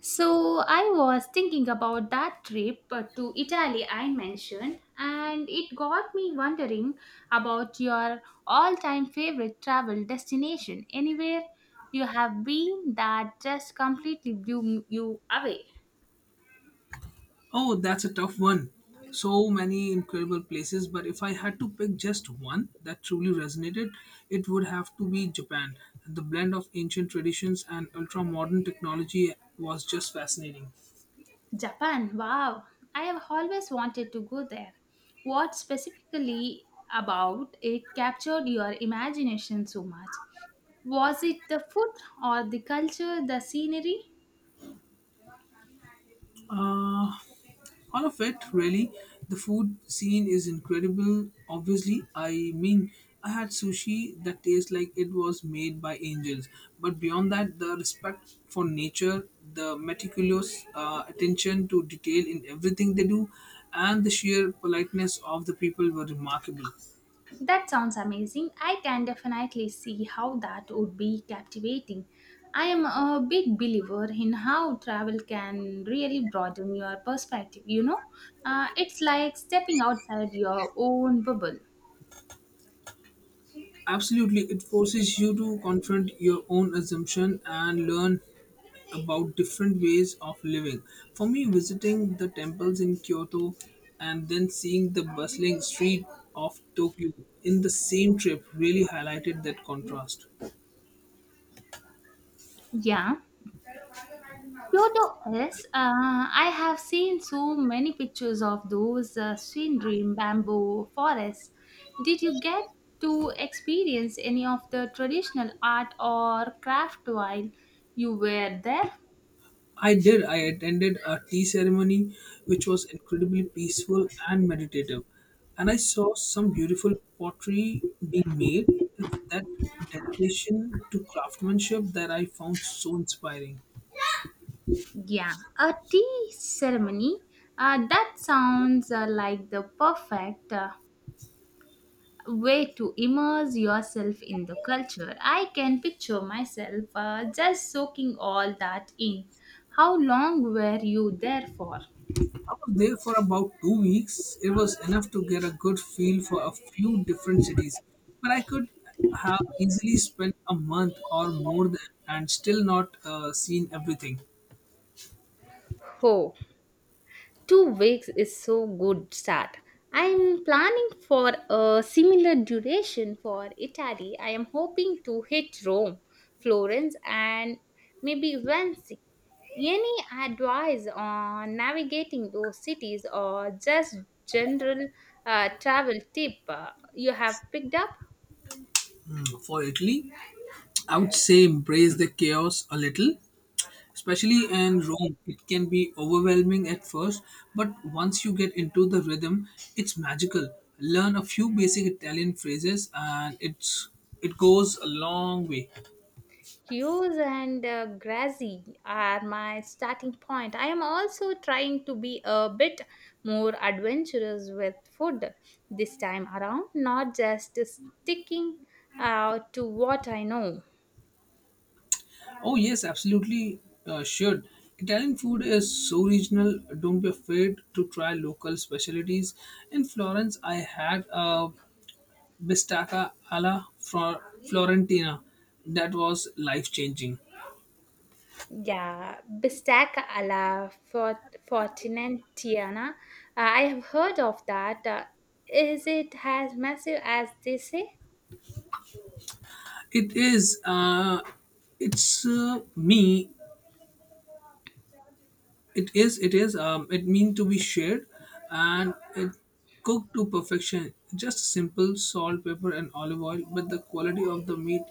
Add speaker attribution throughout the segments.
Speaker 1: So I was thinking about that trip to Italy I mentioned, and it got me wondering about your all-time favorite travel destination. Anywhere you have been that just completely blew you away.
Speaker 2: Oh, that's a tough one. So many incredible places, but if I had to pick just one that truly resonated, it would have to be Japan. The blend of ancient traditions and ultra modern technology was just fascinating.
Speaker 1: Japan, wow! I have always wanted to go there. What specifically about it captured your imagination so much? Was it the food or the culture, the scenery?
Speaker 2: Uh, All of it, really. The food scene is incredible, obviously. I mean, I had sushi that tastes like it was made by angels. But beyond that, the respect for nature, the meticulous attention to detail in everything they do, and the sheer politeness of the people were remarkable.
Speaker 1: That sounds amazing. I can definitely see how that would be captivating. I am a big believer in how travel can really broaden your perspective, you know? It's like stepping outside your own bubble.
Speaker 2: Absolutely, it forces you to confront your own assumption and learn about different ways of living. For me, visiting the temples in Kyoto and then seeing the bustling street of Tokyo in the same trip really highlighted that contrast.
Speaker 1: Yeah. Kyoto is, I have seen so many pictures of those scenery bamboo forests. Did you get to experience any of the traditional art or craft while you were there?
Speaker 2: I did. I attended a tea ceremony which was incredibly peaceful and meditative. And I saw some beautiful pottery being made. It's that dedication to craftsmanship that I found so inspiring.
Speaker 1: Yeah, a tea ceremony. That sounds like the perfect way to immerse yourself in the culture. I can picture myself just soaking all that in. How long were you there for?
Speaker 2: I was there for about 2 weeks. It was enough to get a good feel for a few different cities. But I could have easily spent a month or more than, and still not seen everything.
Speaker 1: Oh. 2 weeks is so good start. I am planning for a similar duration for Italy. I am hoping to hit Rome, Florence, and maybe Venice. Any advice on navigating those cities or just general travel tip you have picked up?
Speaker 2: For Italy, I would say embrace the chaos a little, especially in Rome. It can be overwhelming at first, but once you get into the rhythm, it's magical. Learn a few basic Italian phrases, and it goes a long way.
Speaker 1: Cues and Grazi are my starting point. I am also trying to be a bit more adventurous with food this time around, not just sticking to what I know.
Speaker 2: Oh yes, absolutely should. Italian food is so regional. Don't be afraid to try local specialties. In Florence, I had a bistecca alla Fro- Florentina that was life changing.
Speaker 1: Yeah, bistecca alla Fortinettiana. I have heard of that. Is it as massive as they say?
Speaker 2: It is. It's me. It is. It mean to be shared, and it cooked to perfection. Just simple salt, pepper, and olive oil, but the quality of the meat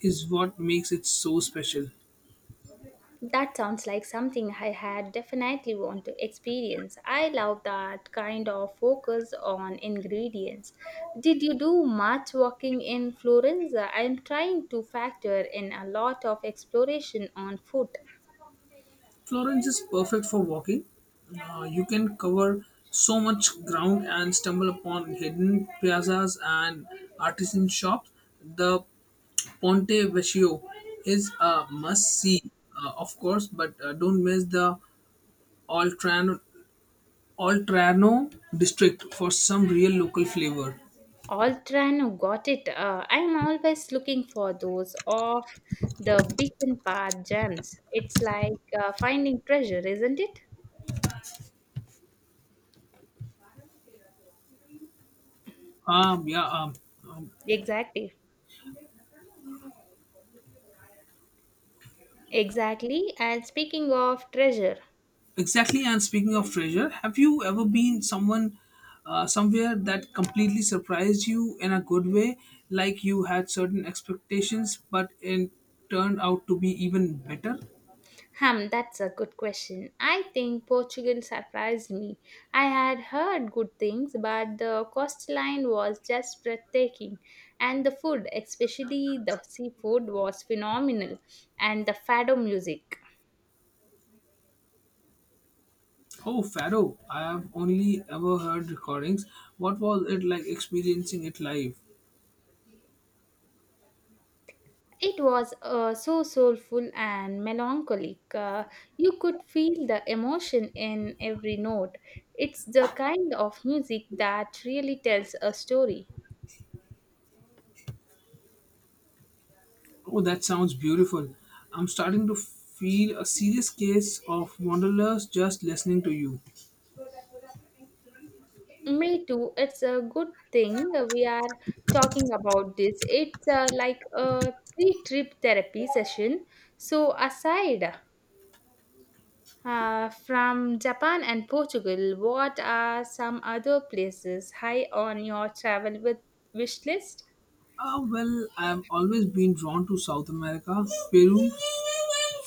Speaker 2: is what makes it so special.
Speaker 1: That sounds like something I had definitely want to experience. I love that kind of focus on ingredients. Did you do much walking in Florence? I'm trying to factor in a lot of exploration on foot.
Speaker 2: Florence is perfect for walking. You can cover so much ground and stumble upon hidden piazzas and artisan shops. The Ponte Vecchio is a must see, of course, but don't miss the Oltrano, Oltrano district for some real local flavor.
Speaker 1: Oltrano got it. I'm always looking for those off the beaten path gems. It's like finding treasure, isn't it?
Speaker 2: Um, yeah, um, um,
Speaker 1: Exactly. Exactly. And speaking of treasure,
Speaker 2: exactly. And speaking of treasure, have you ever been someone somewhere that completely surprised you in a good way, like you had certain expectations, but it turned out to be even better?
Speaker 1: hmm, that's a good question. I think Portugal surprised me. I had heard good things, but the coastline was just breathtaking, and the food, especially the seafood, was phenomenal, and the fado music.
Speaker 2: Oh, Faro, I have only ever heard recordings. What was it like experiencing it live?
Speaker 1: It was so soulful and melancholic. You could feel the emotion in every note. It's the kind of music that really tells a story.
Speaker 2: Oh, that sounds beautiful. I'm starting to feel a serious case of wanderlust just listening to you.
Speaker 1: Me too. It's a good thing we are talking about this. It's like a pre trip therapy session. So, aside from Japan and Portugal, what are some other places high on your travel with wish list?
Speaker 2: Ah, well, I've always been drawn to South America, Peru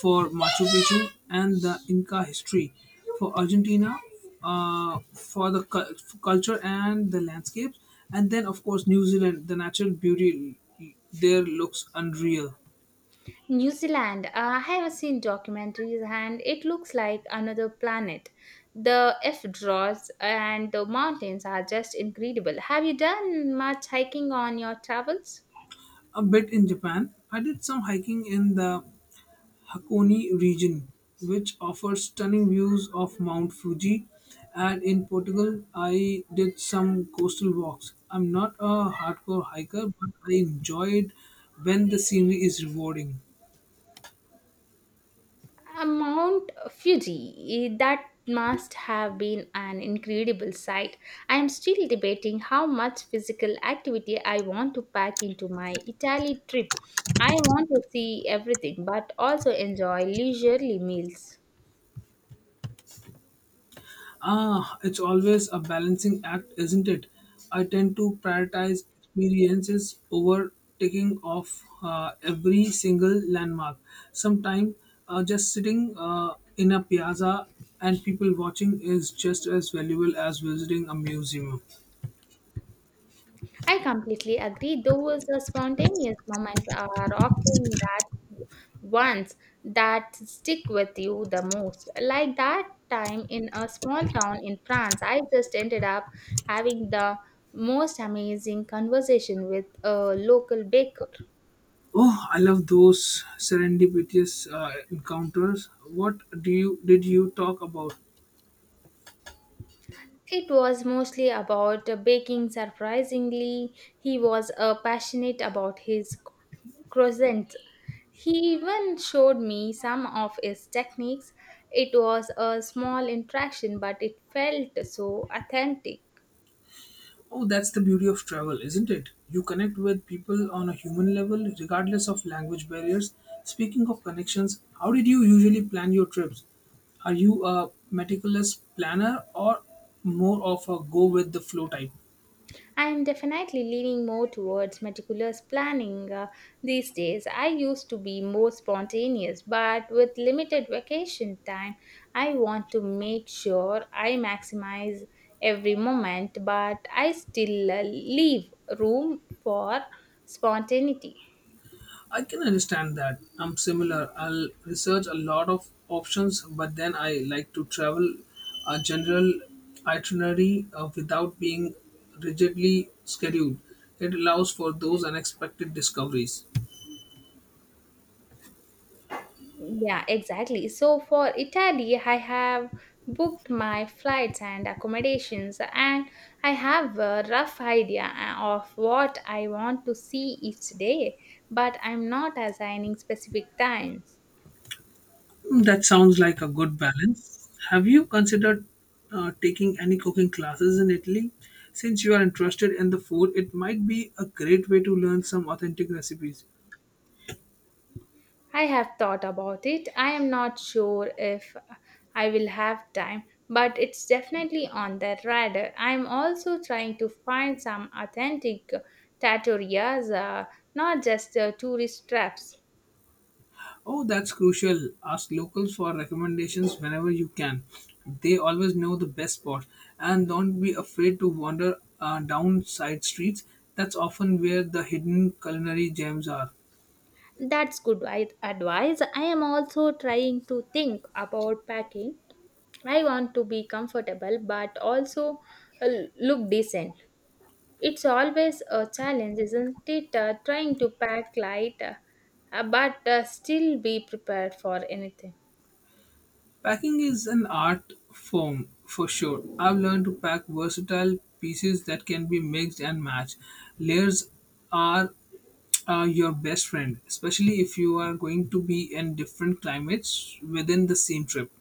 Speaker 2: for Machu Picchu and the Inca history, for Argentina for the culture and the landscapes, and then of course New Zealand. The natural beauty there looks unreal.
Speaker 1: New Zealand. I have seen documentaries and it looks like another planet. The F draws and the mountains are just incredible. Have you done much hiking on your travels?
Speaker 2: A bit in Japan, I did some hiking in the Hakone region, which offers stunning views of Mount Fuji. And in Portugal, I did some coastal walks. I'm not a hardcore hiker, but I enjoyed when the scenery is rewarding.
Speaker 1: Mount Fuji, eh, that must have been an incredible sight. I am still debating how much physical activity I want to pack into my Italy trip. I want to see everything but also enjoy leisurely meals.
Speaker 2: Ah, it's always a balancing act, isn't it? I tend to prioritize experiences over taking off every single landmark. Sometimes just sitting in a piazza and people watching is just as valuable as visiting a museum.
Speaker 1: I completely agree. Those spontaneous moments are often that ones that stick with you the most. Like that time in a small town in France, I just ended up having the most amazing conversation with a local baker.
Speaker 2: Oh, I love those serendipitous encounters. What do you did you talk about?
Speaker 1: It was mostly about baking. Surprisingly, he was passionate about his croissants. He even showed me some of his techniques. It was a small interaction, but it felt so authentic.
Speaker 2: Oh, that's the beauty of travel, isn't it? You connect with people on a human level, regardless of language barriers. Speaking of connections, how did you usually plan your trips? Are you a meticulous planner or more of a go with the flow type?
Speaker 1: I am definitely leaning more towards meticulous planning these days. I used to be more spontaneous, but with limited vacation time, I want to make sure I maximize every moment, but I still leave room for spontaneity.
Speaker 2: I can understand that. I'm similar. I'll research a lot of options, but then I like to travel a general itinerary without being rigidly scheduled. It allows for those unexpected discoveries.
Speaker 1: Yeah, exactly. So for Italy, I have booked my flights and accommodations, and I have a rough idea of what I want to see each day, but I'm not assigning specific times.
Speaker 2: That sounds like a good balance. Have you considered taking any cooking classes in Italy? Since you are interested in the food, it might be a great way to learn some authentic recipes.
Speaker 1: I have thought about it. I am not sure if I will have time, but it's definitely on the radar. I'm also trying to find some authentic trattorias, not just tourist traps.
Speaker 2: Oh, that's crucial. Ask locals for recommendations whenever you can. They always know the best spot. And don't be afraid to wander down side streets. That's often where the hidden culinary gems are.
Speaker 1: That's good advice. I am also trying to think about packing. I want to be comfortable but also uh, look decent. It's always a challenge, isn't it? Trying to pack light, but still be prepared for anything.
Speaker 2: Packing is an art form for sure. I've learned to pack versatile pieces that can be mixed and matched. Layers are your best friend, especially if you are going to be in different climates within the same trip.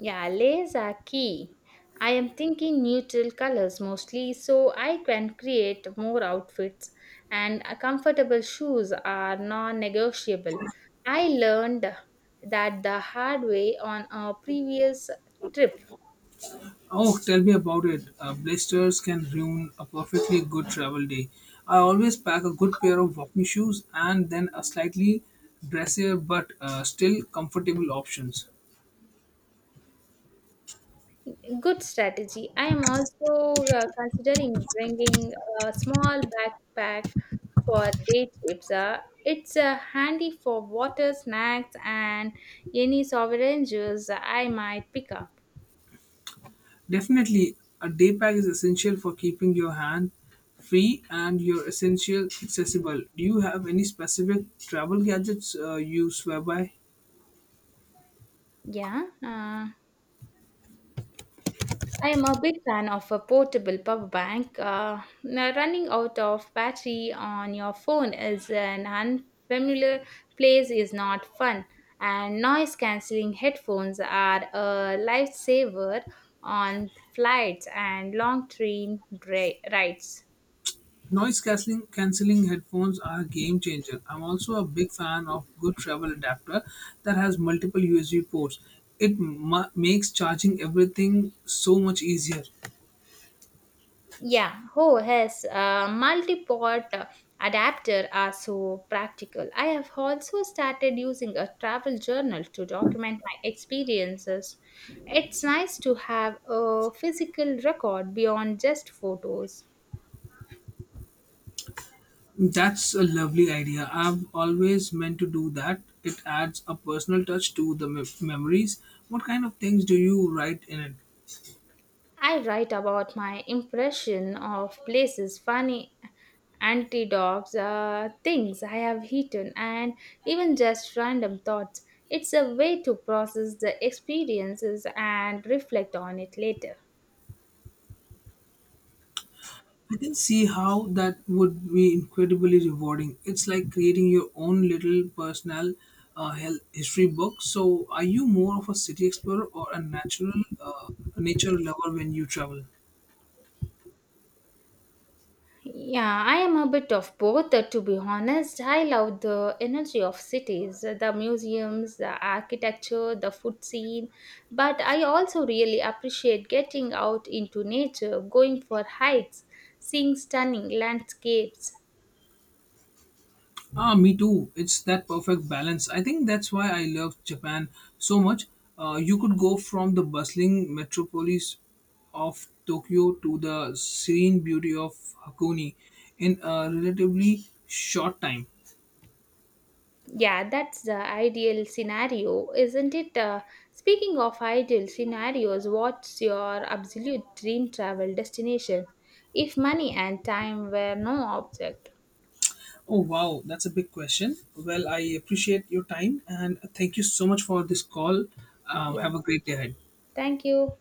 Speaker 1: Yeah, layers are key. I am thinking neutral colors mostly so I can create more outfits and comfortable shoes are non-negotiable. I learned that the hard way on a previous trip.
Speaker 2: Oh, tell me about it. Blisters can ruin a perfectly good travel day. I always pack a good pair of walking shoes and then a slightly dressier but still comfortable options.
Speaker 1: Good strategy. I am also considering bringing a small backpack for day trips. It's handy for water, snacks, and any sovereign juice I might pick up.
Speaker 2: Definitely, a day pack is essential for keeping your hand free and your essential accessible. Do you have any specific travel gadgets you swear by?
Speaker 1: Yeah. I am a big fan of a portable power bank. Now running out of battery on your phone is an unfamiliar place is not fun, and noise cancelling headphones are a lifesaver on flights and long train rides.
Speaker 2: Noise cancelling headphones are a game changer. I'm also a big fan of good travel adapter that has multiple USB ports. It makes charging everything so much easier.
Speaker 1: Yeah, oh yes, multi-port adapter are so practical. I have also started using a travel journal to document my experiences. It's nice to have a physical record beyond just photos.
Speaker 2: That's a lovely idea. I've always meant to do that. It adds a personal touch to the memories. What kind of things do you write in it?
Speaker 1: I write about my impression of places, funny antidotes, things I have eaten, and even just random thoughts. It's a way to process the experiences and reflect on it later.
Speaker 2: I can see how that would be incredibly rewarding. It's like creating your own little personal health history book. So, are you more of a city explorer or a natural uh, nature lover when you travel?
Speaker 1: Yeah, I am a bit of both, to be honest. I love the energy of cities, the museums, the architecture, the food scene, but I also really appreciate getting out into nature, going for hikes, seeing stunning landscapes.
Speaker 2: Ah, me too. It's that perfect balance. I think that's why I love Japan so much. You could go from the bustling metropolis of Tokyo to the serene beauty of Hakone in a relatively short time.
Speaker 1: Yeah, that's the ideal scenario, isn't it? Speaking of ideal scenarios, what's your absolute dream travel destination? If money and time were no object.
Speaker 2: Oh, wow, that's a big question. Well, I appreciate your time and thank you so much for this call.
Speaker 1: Yeah,
Speaker 2: Have a great day ahead.
Speaker 1: thank you.